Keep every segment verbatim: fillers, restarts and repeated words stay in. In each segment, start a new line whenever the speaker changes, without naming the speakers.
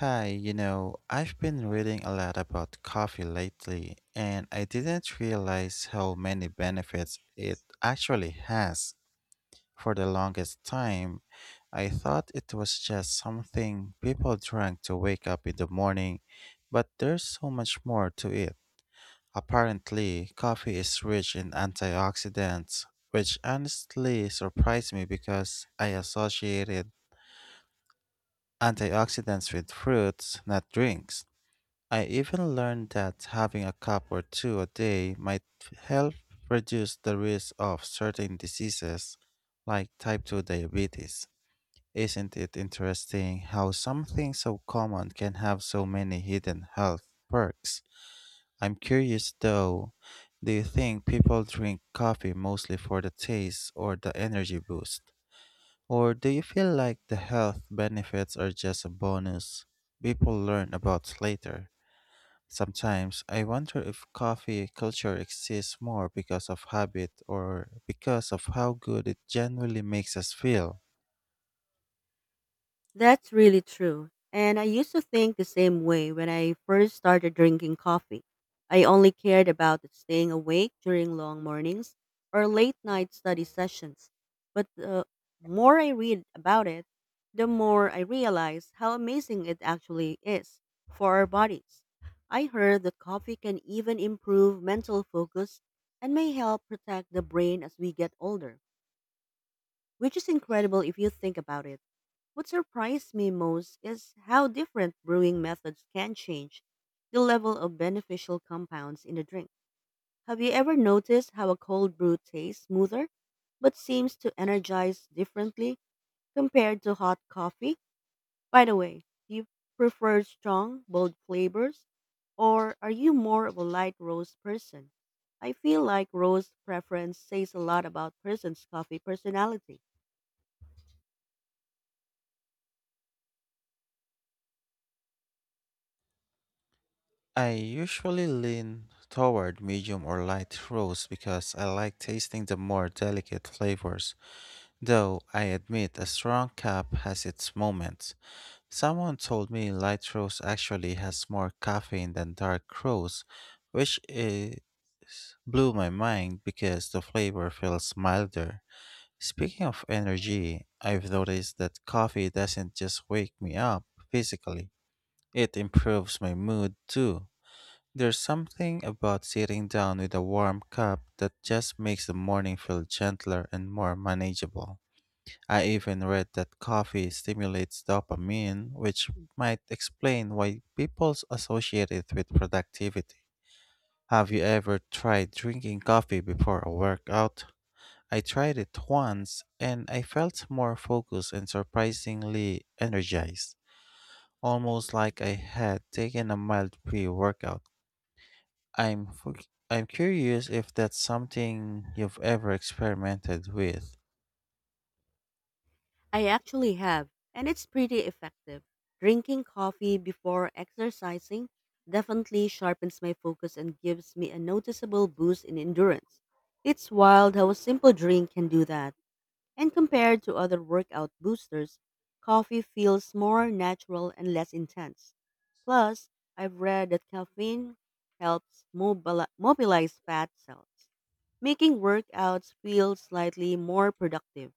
Hi, you know, I've been reading a lot about coffee lately, and I didn't realize how many benefits it actually has. For the longest time, I thought it was just something people drank to wake up in the morning, but there's so much more to it. Apparently, coffee is rich in antioxidants, which honestly surprised me because I associated antioxidants with fruits, not drinks. I even learned that having a cup or two a day might help reduce the risk of certain diseases like type two diabetes. Isn't it interesting how something so common can have so many hidden health perks? I'm curious though, do you think people drink coffee mostly for the taste or the energy boost? Or do you feel like the health benefits are just a bonus people learn about later? Sometimes I wonder if coffee culture exists more because of habit or because of how good it genuinely makes us feel.
That's really true. And I used to think the same way when I first started drinking coffee. I only cared about staying awake during long mornings or late night study sessions. But the more I read about it, the more I realize how amazing it actually is for our bodies. I heard that coffee can even improve mental focus and may help protect the brain as we get older which is incredible if you think about it. What surprised me most is how different brewing methods can change the level of beneficial compounds in a drink. Have you ever noticed how a cold brew tastes smoother but seems to energize differently compared to hot coffee? By the way, do you prefer strong, bold flavors or are you more of a light roast person? I feel like roast preference says a lot about person's coffee personality.
I usually lean toward medium or light roast because I like tasting the more delicate flavors, though I admit a strong cup has its moments. Someone told me light roast actually has more caffeine than dark roast, which is blew my mind because the flavor feels milder. Speaking of energy, I've noticed that coffee doesn't just wake me up physically, it improves my mood too. There's something about sitting down with a warm cup that just makes the morning feel gentler and more manageable. I even read that coffee stimulates dopamine, which might explain why people associate it with productivity. Have you ever tried drinking coffee before a workout? I tried it once and I felt more focused and surprisingly energized, almost like I had taken a mild pre-workout. I'm fu- I'm curious if that's something you've ever experimented with.
I actually have, and it's pretty effective. Drinking coffee before exercising definitely sharpens my focus and gives me a noticeable boost in endurance. It's wild how a simple drink can do that. And compared to other workout boosters, coffee feels more natural and less intense. Plus, I've read that caffeine helps mobili- mobilize fat cells, making workouts feel slightly more productive.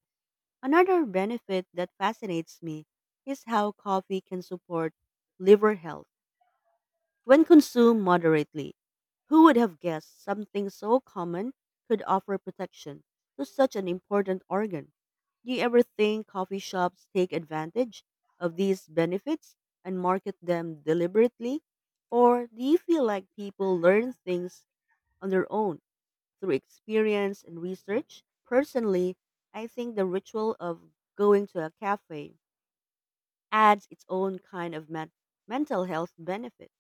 Another benefit that fascinates me is how coffee can support liver health when consumed moderately. Who would have guessed something so common could offer protection to such an important organ? Do you ever think coffee shops take advantage of these benefits and market them deliberately? Or do you feel like people learn things on their own, through experience and research? Personally, I think the ritual of going to a cafe adds its own kind of men- mental health benefit.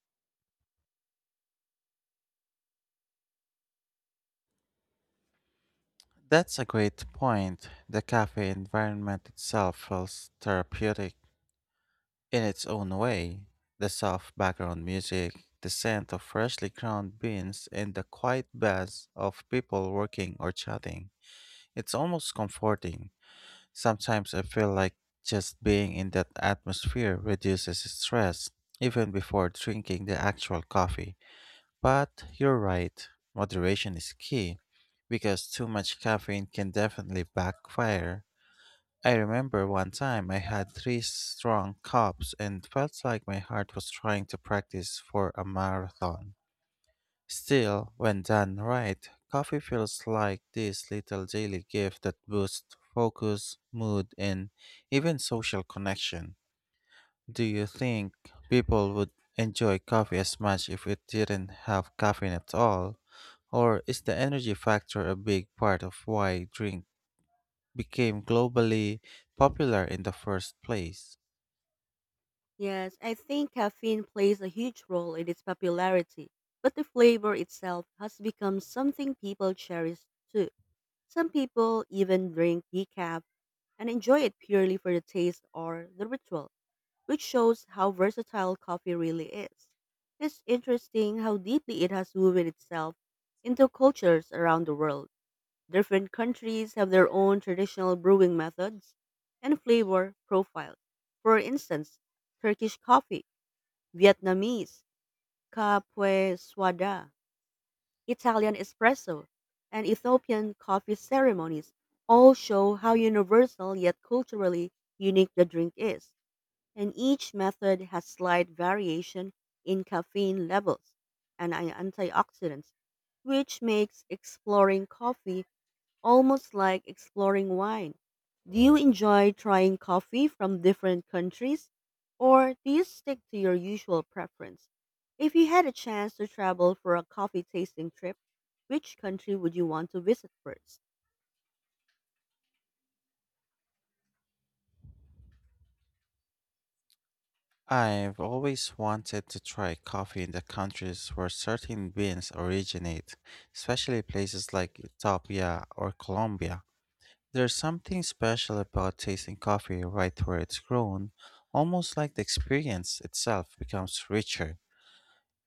That's a great point. The cafe environment itself feels therapeutic in its own way. The soft background music, the scent of freshly ground beans, and the quiet buzz of people working or chatting. It's almost comforting. Sometimes I feel like just being in that atmosphere reduces stress, even before drinking the actual coffee. But you're right, moderation is key, because too much caffeine can definitely backfire. I remember one time I had three strong cups and felt like my heart was trying to practice for a marathon. Still, when done right, coffee feels like this little daily gift that boosts focus, mood, and even social connection. Do you think people would enjoy coffee as much if it didn't have caffeine at all? Or is the energy factor a big part of why drink became globally popular in the first place?
Yes, I think caffeine plays a huge role in its popularity, but the flavor itself has become something people cherish too. Some people even drink decaf and enjoy it purely for the taste or the ritual, which shows how versatile coffee really is. It's interesting how deeply it has woven itself into cultures around the world. Different countries have their own traditional brewing methods and flavor profiles. For instance, Turkish coffee, Vietnamese, Capwe Swada, Italian espresso, and Ethiopian coffee ceremonies all show how universal yet culturally unique the drink is and each method has slight variation in caffeine levels and an- antioxidants, which makes exploring coffee almost like exploring wine. Do you enjoy trying coffee from different countries, or do you stick to your usual preference? If you had a chance to travel for a coffee tasting trip, which country would you want to visit first?
I've always wanted to try coffee in the countries where certain beans originate, especially places like Ethiopia or Colombia. There's something special about tasting coffee right where it's grown, almost like the experience itself becomes richer.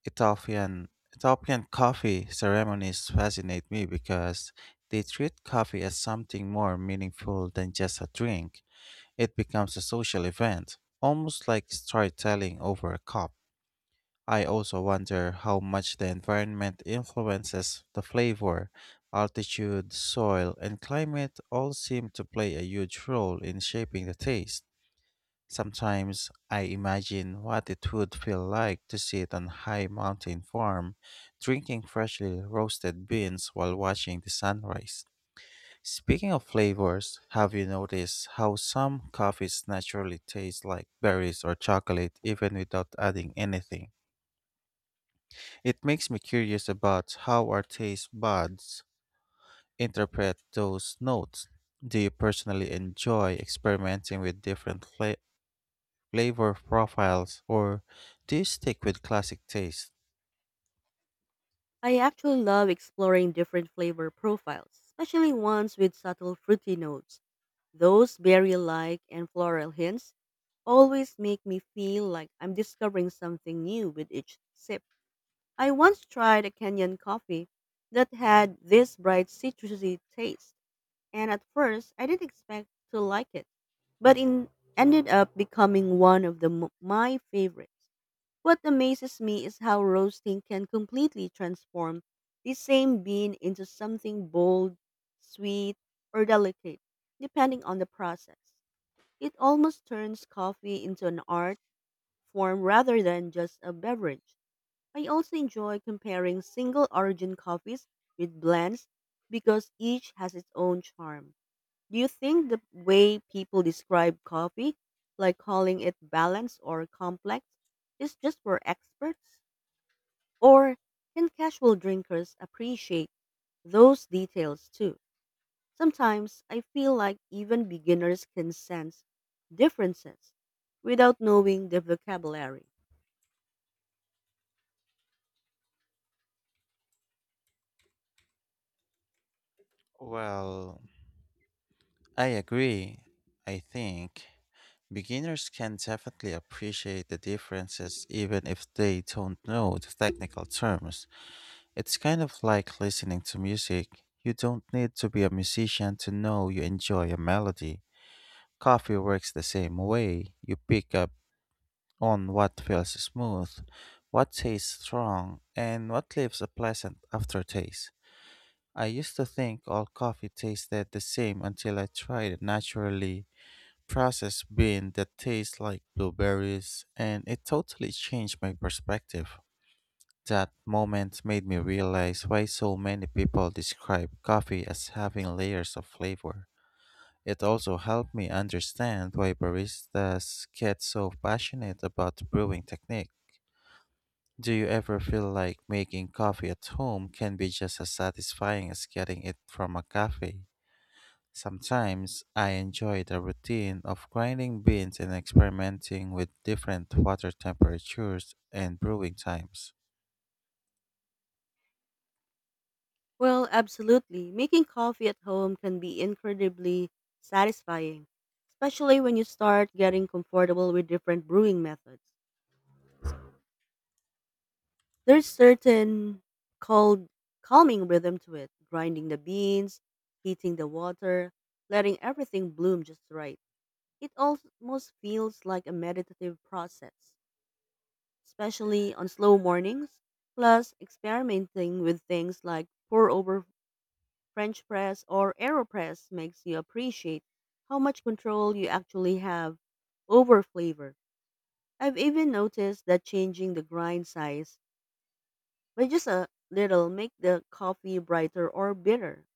Ethiopian Ethiopian coffee ceremonies fascinate me because they treat coffee as something more meaningful than just a drink. It becomes a social event, almost like storytelling over a cup. I also wonder how much the environment influences the flavor. Altitude, soil, and climate all seem to play a huge role in shaping the taste. Sometimes I imagine what it would feel like to sit on a high mountain farm, drinking freshly roasted beans while watching the sunrise. Speaking of flavors, have you noticed how some coffees naturally taste like berries or chocolate even without adding anything? It makes me curious about how our taste buds interpret those notes. Do you personally enjoy experimenting with different fla- flavor profiles, or do you stick with classic taste?
I actually love exploring different flavor profiles, especially ones with subtle fruity notes. Those berry-like and floral hints always make me feel like I'm discovering something new with each sip. I once tried a Kenyan coffee that had this bright citrusy taste, and at first I didn't expect to like it, but it ended up becoming one of the m- my favorites. What amazes me is how roasting can completely transform the same bean into something bold, sweet, or delicate, depending on the process. It almost turns coffee into an art form rather than just a beverage. I also enjoy comparing single origin coffees with blends because each has its own charm. Do you think the way people describe coffee, like calling it balanced or complex, is just for experts? Or can casual drinkers appreciate those details too? Sometimes I feel like even beginners can sense differences without knowing the vocabulary.
Well, I agree. I think beginners can definitely appreciate the differences even if they don't know the technical terms. It's kind of like listening to music. You don't need to be a musician to know you enjoy a melody. Coffee works the same way. You pick up on what feels smooth, what tastes strong, and what leaves a pleasant aftertaste. I used to think all coffee tasted the same until I tried a naturally processed bean that tastes like blueberries, and it totally changed my perspective. That moment made me realize why so many people describe coffee as having layers of flavor. It also helped me understand why baristas get so passionate about brewing technique. Do you ever feel like making coffee at home can be just as satisfying as getting it from a cafe? Sometimes I enjoy the routine of grinding beans and experimenting with different water temperatures and brewing times.
Well, absolutely. Making coffee at home can be incredibly satisfying, especially when you start getting comfortable with different brewing methods. There's certain cold calming rhythm to it, grinding the beans, heating the water, letting everything bloom just right. It almost feels like a meditative process, especially on slow mornings. Plus, experimenting with things like pour over French press or AeroPress makes you appreciate how much control you actually have over flavor. I've even noticed that changing the grind size by just a little make the coffee brighter or bitter,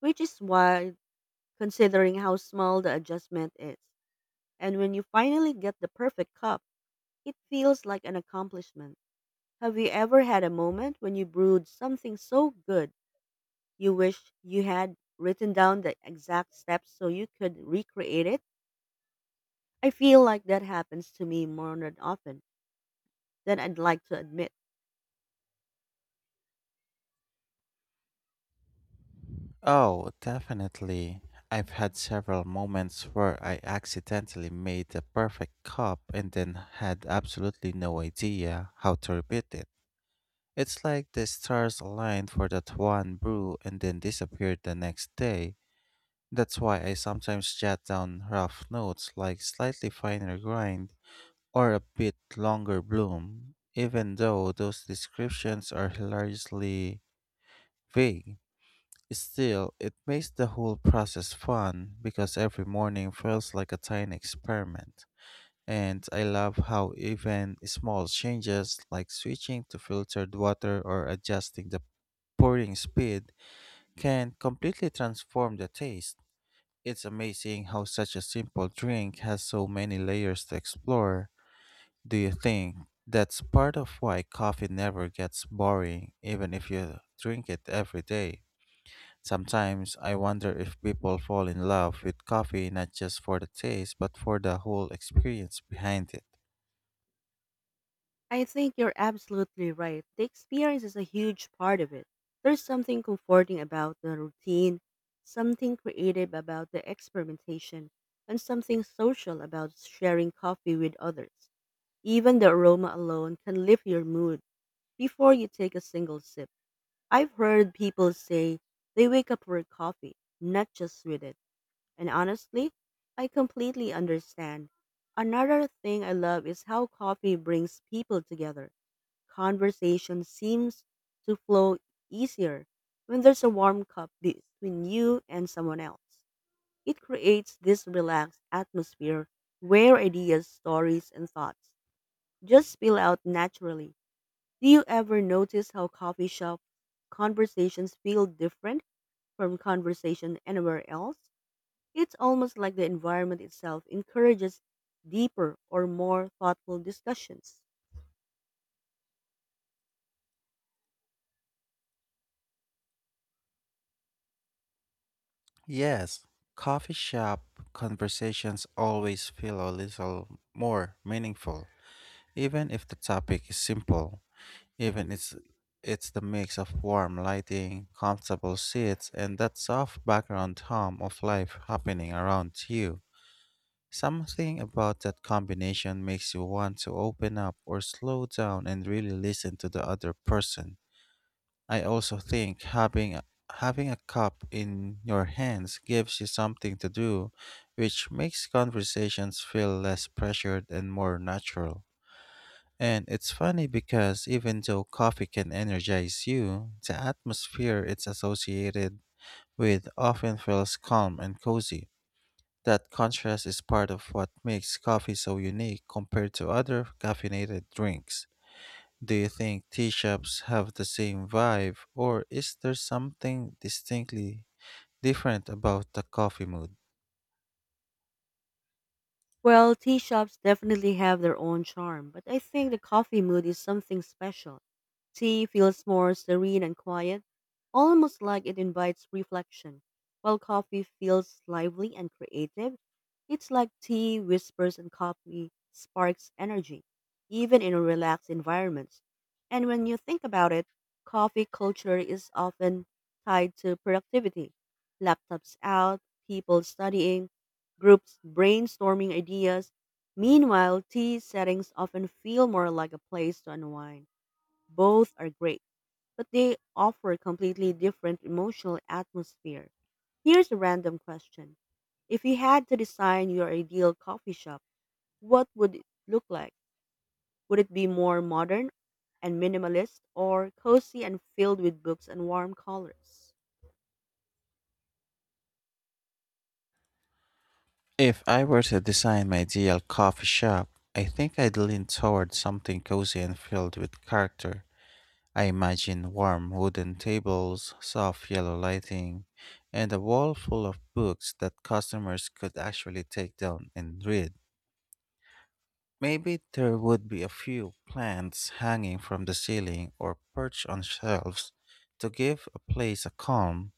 which is wild considering how small the adjustment is. And when you finally get the perfect cup, it feels like an accomplishment. Have you ever had a moment when you brewed something so good you wish you had written down the exact steps so you could recreate it? I feel like that happens to me more than often than I'd like to admit.
Oh, definitely. I've had several moments where I accidentally made the perfect cup and then had absolutely no idea how to repeat it. It's like the stars aligned for that one brew and then disappeared the next day. That's why I sometimes jot down rough notes like slightly finer grind or a bit longer bloom, even though those descriptions are hilariously vague. Still, it makes the whole process fun because every morning feels like a tiny experiment. And I love how even small changes like switching to filtered water or adjusting the pouring speed can completely transform the taste. It's amazing how such a simple drink has so many layers to explore. Do you think that's part of why coffee never gets boring, even if you drink it every day? Sometimes I wonder if people fall in love with coffee not just for the taste but for the whole experience behind it.
I think you're absolutely right. The experience is a huge part of it. There's something comforting about the routine, something creative about the experimentation, and something social about sharing coffee with others. Even the aroma alone can lift your mood before you take a single sip. I've heard people say they wake up for coffee, not just with it. And honestly, I completely understand. Another thing I love is how coffee brings people together. Conversation seems to flow easier when there's a warm cup between you and someone else. It creates this relaxed atmosphere where ideas, stories, and thoughts just spill out naturally. Do you ever notice how coffee shop conversations feel different from conversation anywhere else? It's almost like the environment itself encourages deeper or more thoughtful discussions.
Yes, coffee shop conversations always feel a little more meaningful, even if the topic is simple. Even it's it's the mix of warm lighting, comfortable seats, and that soft background hum of life happening around you. Something about that combination makes you want to open up or slow down and really listen to the other person. I also think having a- having a cup in your hands gives you something to do, which makes conversations feel less pressured and more natural. And it's funny because even though coffee can energize you, the atmosphere it's associated with often feels calm and cozy. That contrast is part of what makes coffee so unique compared to other caffeinated drinks. Do you think tea shops have the same vibe, or is there something distinctly different about the coffee mood?
Well, tea shops definitely have their own charm, but I think the coffee mood is something special. Tea feels more serene and quiet, almost like it invites reflection, while coffee feels lively and creative. It's like tea whispers and coffee sparks energy, even in relaxed environments. And when you think about it, coffee culture is often tied to productivity. Laptops out, people studying, groups brainstorming ideas. Meanwhile, tea settings often feel more like a place to unwind. Both are great, but they offer completely different emotional atmosphere. Here's a random question. If you had to design your ideal coffee shop, what would it look like? Would it be more modern and minimalist or cozy and filled with books and warm colors?
If I were to design my ideal coffee shop, I think I'd lean toward something cozy and filled with character. I imagine warm wooden tables, soft yellow lighting, and a wall full of books that customers could actually take down and read. Maybe there would be a few plants hanging from the ceiling or perched on shelves to give a place a calm,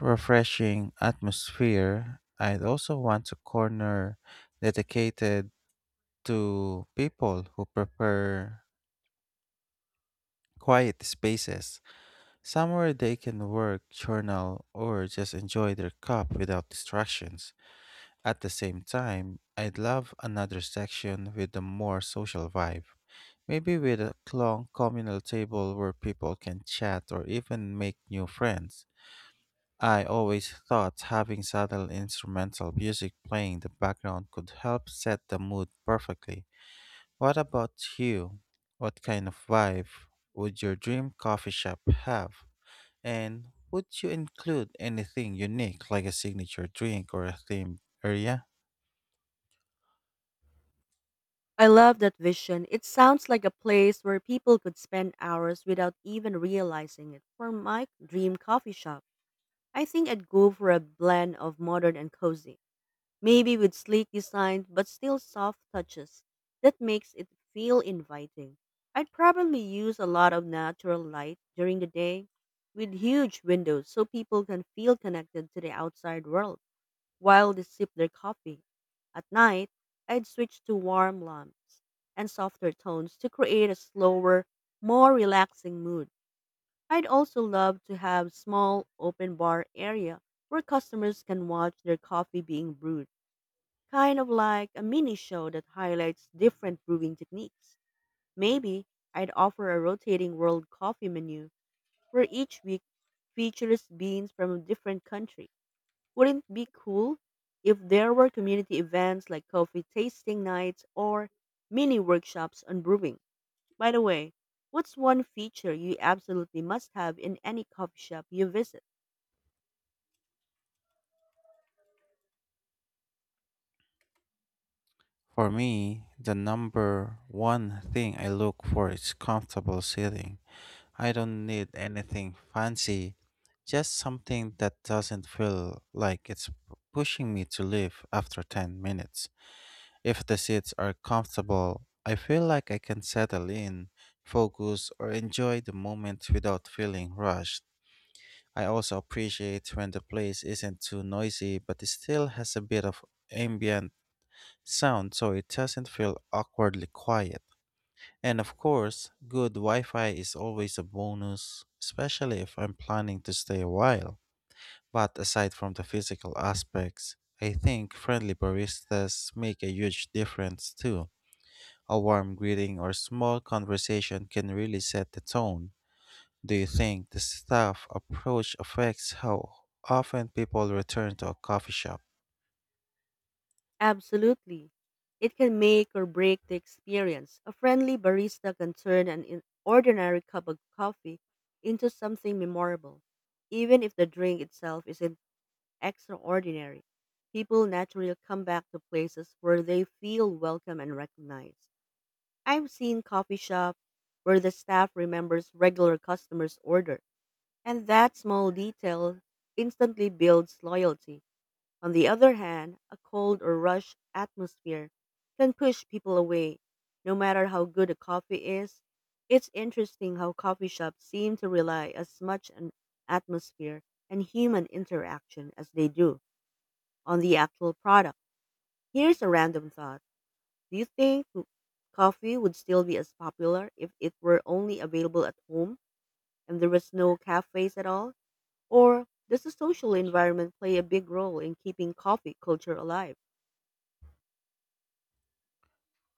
refreshing atmosphere. I'd also want a corner dedicated to people who prefer quiet spaces, somewhere they can work, journal, or just enjoy their cup without distractions. At the same time, I'd love another section with a more social vibe. Maybe with a long communal table where people can chat or even make new friends. I always thought having subtle instrumental music playing in the background could help set the mood perfectly. What about you? What kind of vibe would your dream coffee shop have? And would you include anything unique like a signature drink or a themed area?
I love that vision. It sounds like a place where people could spend hours without even realizing it. For my dream coffee shop, I think I'd go for a blend of modern and cozy, maybe with sleek designs but still soft touches that makes it feel inviting. I'd probably use a lot of natural light during the day with huge windows so people can feel connected to the outside world while they sip their coffee. At night, I'd switch to warm lamps and softer tones to create a slower, more relaxing mood. I'd also love to have small open bar area where customers can watch their coffee being brewed, kind of like a mini show that highlights different brewing techniques. Maybe I'd offer a rotating world coffee menu where each week features beans from a different country. Wouldn't it be cool if there were community events like coffee tasting nights or mini workshops on brewing? By the way, what's one feature you absolutely must have in any coffee shop you visit?
For me, the number one thing I look for is comfortable sitting. I don't need anything fancy, just something that doesn't feel like it's p- pushing me to leave after ten minutes. If the seats are comfortable, I feel like I can settle in, focus, or enjoy the moment without feeling rushed. I also appreciate when the place isn't too noisy but it still has a bit of ambient sound so it doesn't feel awkwardly quiet. And of course, good Wi Fi is always a bonus, especially if I'm planning to stay a while. But aside from the physical aspects, I think friendly baristas make a huge difference too. A warm greeting or small conversation can really set the tone. Do you think the staff approach affects how often people return to a coffee shop?
Absolutely. It can make or break the experience. A friendly barista can turn an in- ordinary cup of coffee into something memorable, even if the drink itself isn't extraordinary. People naturally come back to places where they feel welcome and recognized. I've seen coffee shops where the staff remembers regular customers' order, and that small detail instantly builds loyalty. On the other hand, a cold or rush atmosphere can push people away, no matter how good a coffee is. It's interesting how coffee shops seem to rely as much on atmosphere and human interaction as they do on the actual product. Here's a random thought. Do you think coffee would still be as popular if it were only available at home and there was no cafes at all? Or does the social environment play a big role in keeping coffee culture alive?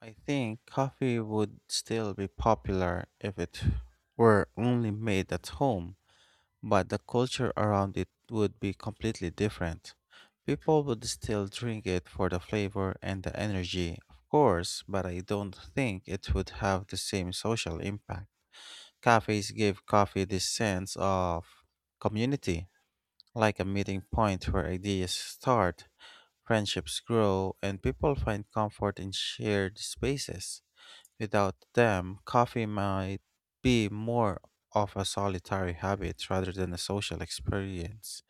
I think coffee would still be popular if it were only made at home, but the culture around it would be completely different. People would still drink it for the flavor and the energy, of course, but I don't think it would have the same social impact. Cafes give coffee this sense of community, like a meeting point where ideas start, friendships grow, and people find comfort in shared spaces. Without them, coffee might be more of a solitary habit rather than a social experience.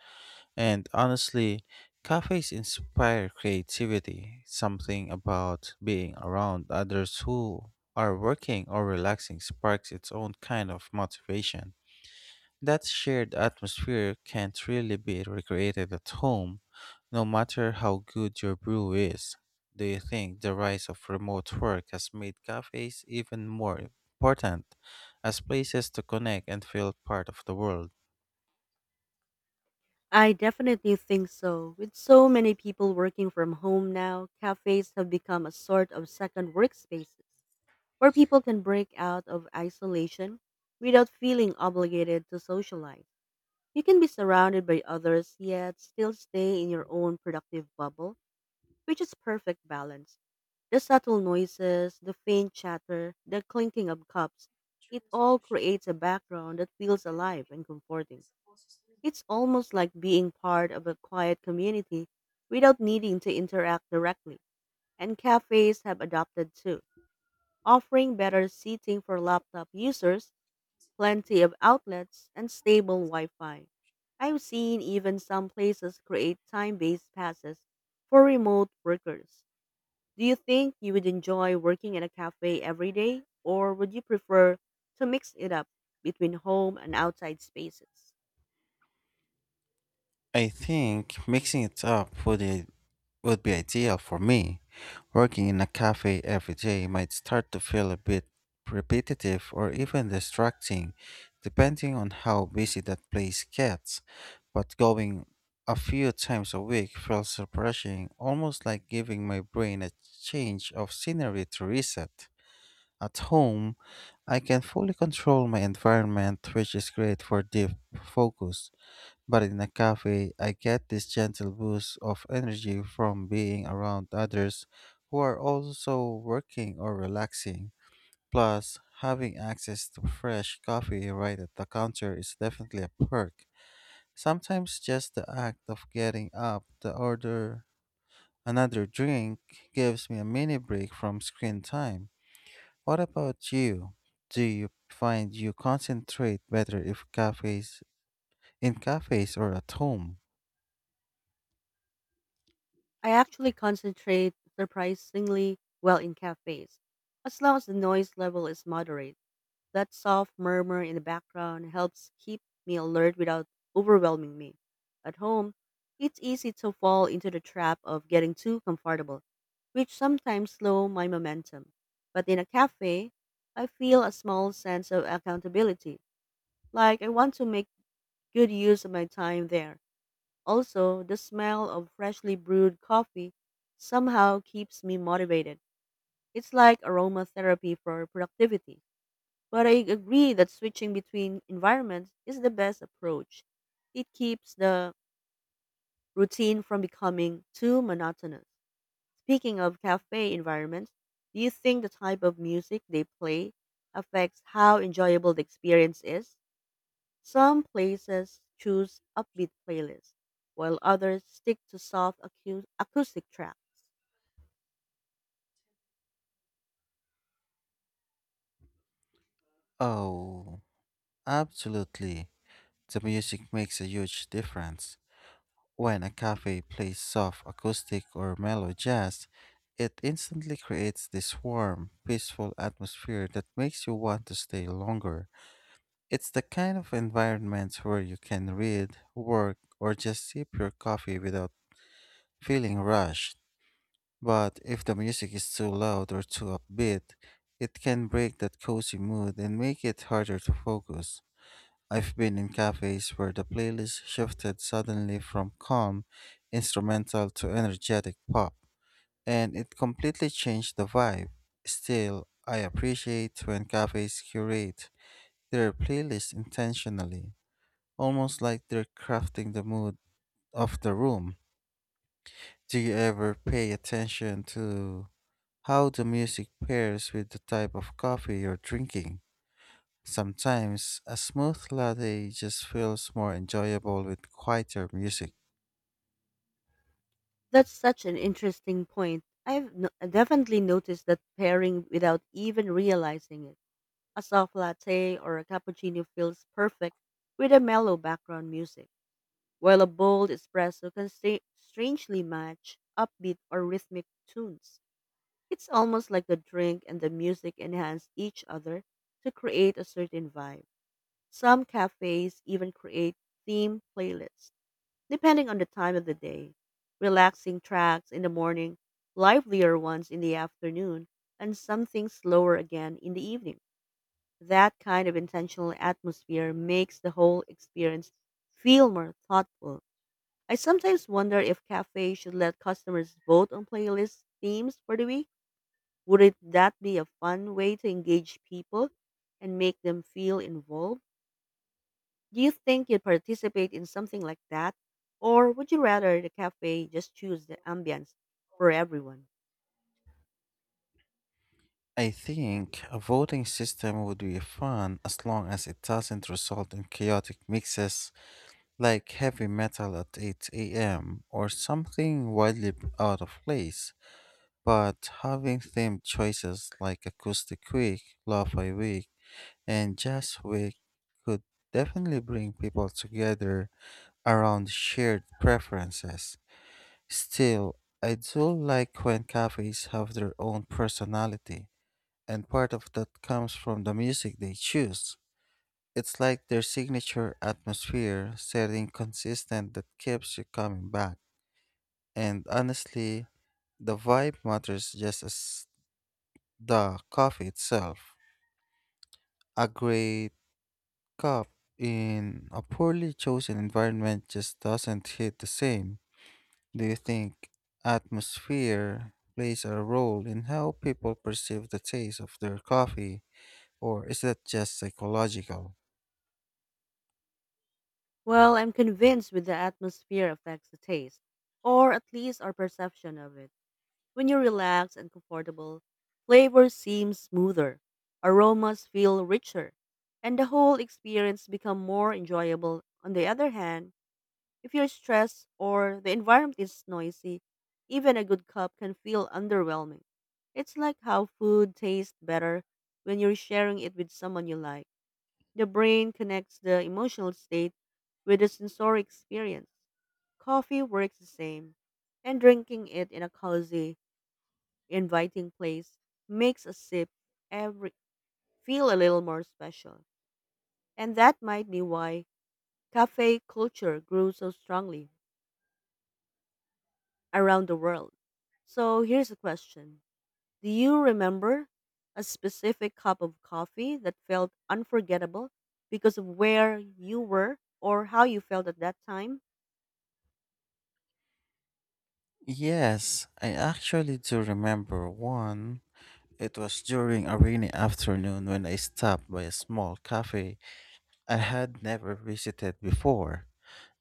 And honestly, cafes inspire creativity, something about being around others who are working or relaxing sparks its own kind of motivation. That shared atmosphere can't really be recreated at home, no matter how good your brew is. Do you think the rise of remote work has made cafes even more important as places to connect and feel part of the world?
I definitely think so. With so many people working from home now, cafes have become a sort of second workspaces where people can break out of isolation without feeling obligated to socialize. You can be surrounded by others yet still stay in your own productive bubble, which is perfect balance. The subtle noises, the faint chatter, the clinking of cups, it all creates a background that feels alive and comforting. It's almost like being part of a quiet community without needing to interact directly. And cafes have adopted too, offering better seating for laptop users plenty of outlets, and stable Wi Fi. I've seen even some places create time based passes for remote workers. Do you think you would enjoy working in a cafe every day, or would you prefer to mix it up between home and outside spaces?
I think mixing it up with a would be ideal for me. Working in a cafe every day might start to feel a bit repetitive or even distracting, depending on how busy that place gets. But going a few times a week feels refreshing, almost like giving my brain a change of scenery to reset. At home, I can fully control my environment, which is great for deep focus. But in a cafe, I get this gentle boost of energy from being around others who are also working or relaxing. Plus, having access to fresh coffee right at the counter is definitely a perk. Sometimes just the act of getting up to order another drink gives me a mini break from screen time. What about you? Do you find you concentrate better if cafes in cafes or at home?
I actually concentrate surprisingly well in cafes, as long as the noise level is moderate. That soft murmur in the background helps keep me alert without overwhelming me. At home, it's easy to fall into the trap of getting too comfortable, which sometimes slow my momentum. But in a cafe, I feel a small sense of accountability, like I want to make good use of my time there. Also, the smell of freshly brewed coffee somehow keeps me motivated. It's like aromatherapy for productivity. But I agree that switching between environments is the best approach. It keeps the routine from becoming too monotonous. Speaking of cafe environments, do you think the type of music they play affects how enjoyable the experience is? Some places choose upbeat playlists, while others stick to soft acu- acoustic tracks.
Oh. Absolutely. The music makes a huge difference. When a cafe plays soft acoustic or mellow jazz, it instantly creates this warm, peaceful atmosphere that makes you want to stay longer. It's the kind of environment where you can read, work, or just sip your coffee without feeling rushed. But if the music is too loud or too upbeat, it can break that cozy mood and make it harder to focus. I've been in cafes where the playlist shifted suddenly from calm instrumental to energetic pop, and it completely changed the vibe. Still, I appreciate when cafes curate their playlist intentionally, almost like they're crafting the mood of the room. Do you ever pay attention to how the music pairs with the type of coffee you're drinking? Sometimes a smooth latte just feels more enjoyable with quieter music.
That's such an interesting point. I've no- definitely noticed that pairing without even realizing it. A soft latte or a cappuccino feels perfect with a mellow background music, while a bold espresso can sta- strangely match upbeat or rhythmic tunes. It's almost like the drink and the music enhance each other to create a certain vibe. Some cafes even create theme playlists, depending on the time of the day. Relaxing tracks in the morning, livelier ones in the afternoon, and something slower again in the evening. That kind of intentional atmosphere makes the whole experience feel more thoughtful. I sometimes wonder if cafes should let customers vote on playlist themes for the week. Wouldn't that be a fun way to engage people and make them feel involved? Do you think you'd participate in something like that? Or would you rather the cafe just choose the ambience for everyone?
I think a voting system would be fun as long as it doesn't result in chaotic mixes like heavy metal at eight a m or something wildly out of place. But having themed choices like Acoustic Week, Lo-Fi Week, and Jazz Week could definitely bring people together around shared preferences. Still, I do like when cafes have their own personality, and part of that comes from the music they choose. It's like their signature atmosphere, setting consistent that keeps you coming back. And honestly, the vibe matters just as the coffee itself. A great cup in a poorly chosen environment just doesn't hit the same. Do you think atmosphere plays a role in how people perceive the taste of their coffee, or is that just psychological?
Well, I'm convinced with the atmosphere affects the taste, or at least our perception of it. When you're relaxed and comfortable, flavor seems smoother, aromas feel richer, and the whole experience becomes more enjoyable. On the other hand, if you're stressed or the environment is noisy, even a good cup can feel underwhelming. It's like how food tastes better when you're sharing it with someone you like. The brain connects the emotional state with the sensory experience. Coffee works the same, and drinking it in a cozy, inviting place makes a sip every feel a little more special. And that might be why cafe culture grew so strongly around the world. So here's a question. Do you remember a specific cup of coffee that felt unforgettable because of where you were or how you felt at that time?
Yes, I actually do remember one. It was during a rainy afternoon when I stopped by a small cafe I had never visited before.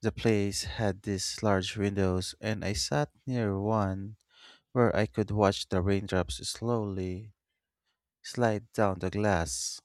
The place had these large windows, and I sat near one where I could watch the raindrops slowly slide down the glass.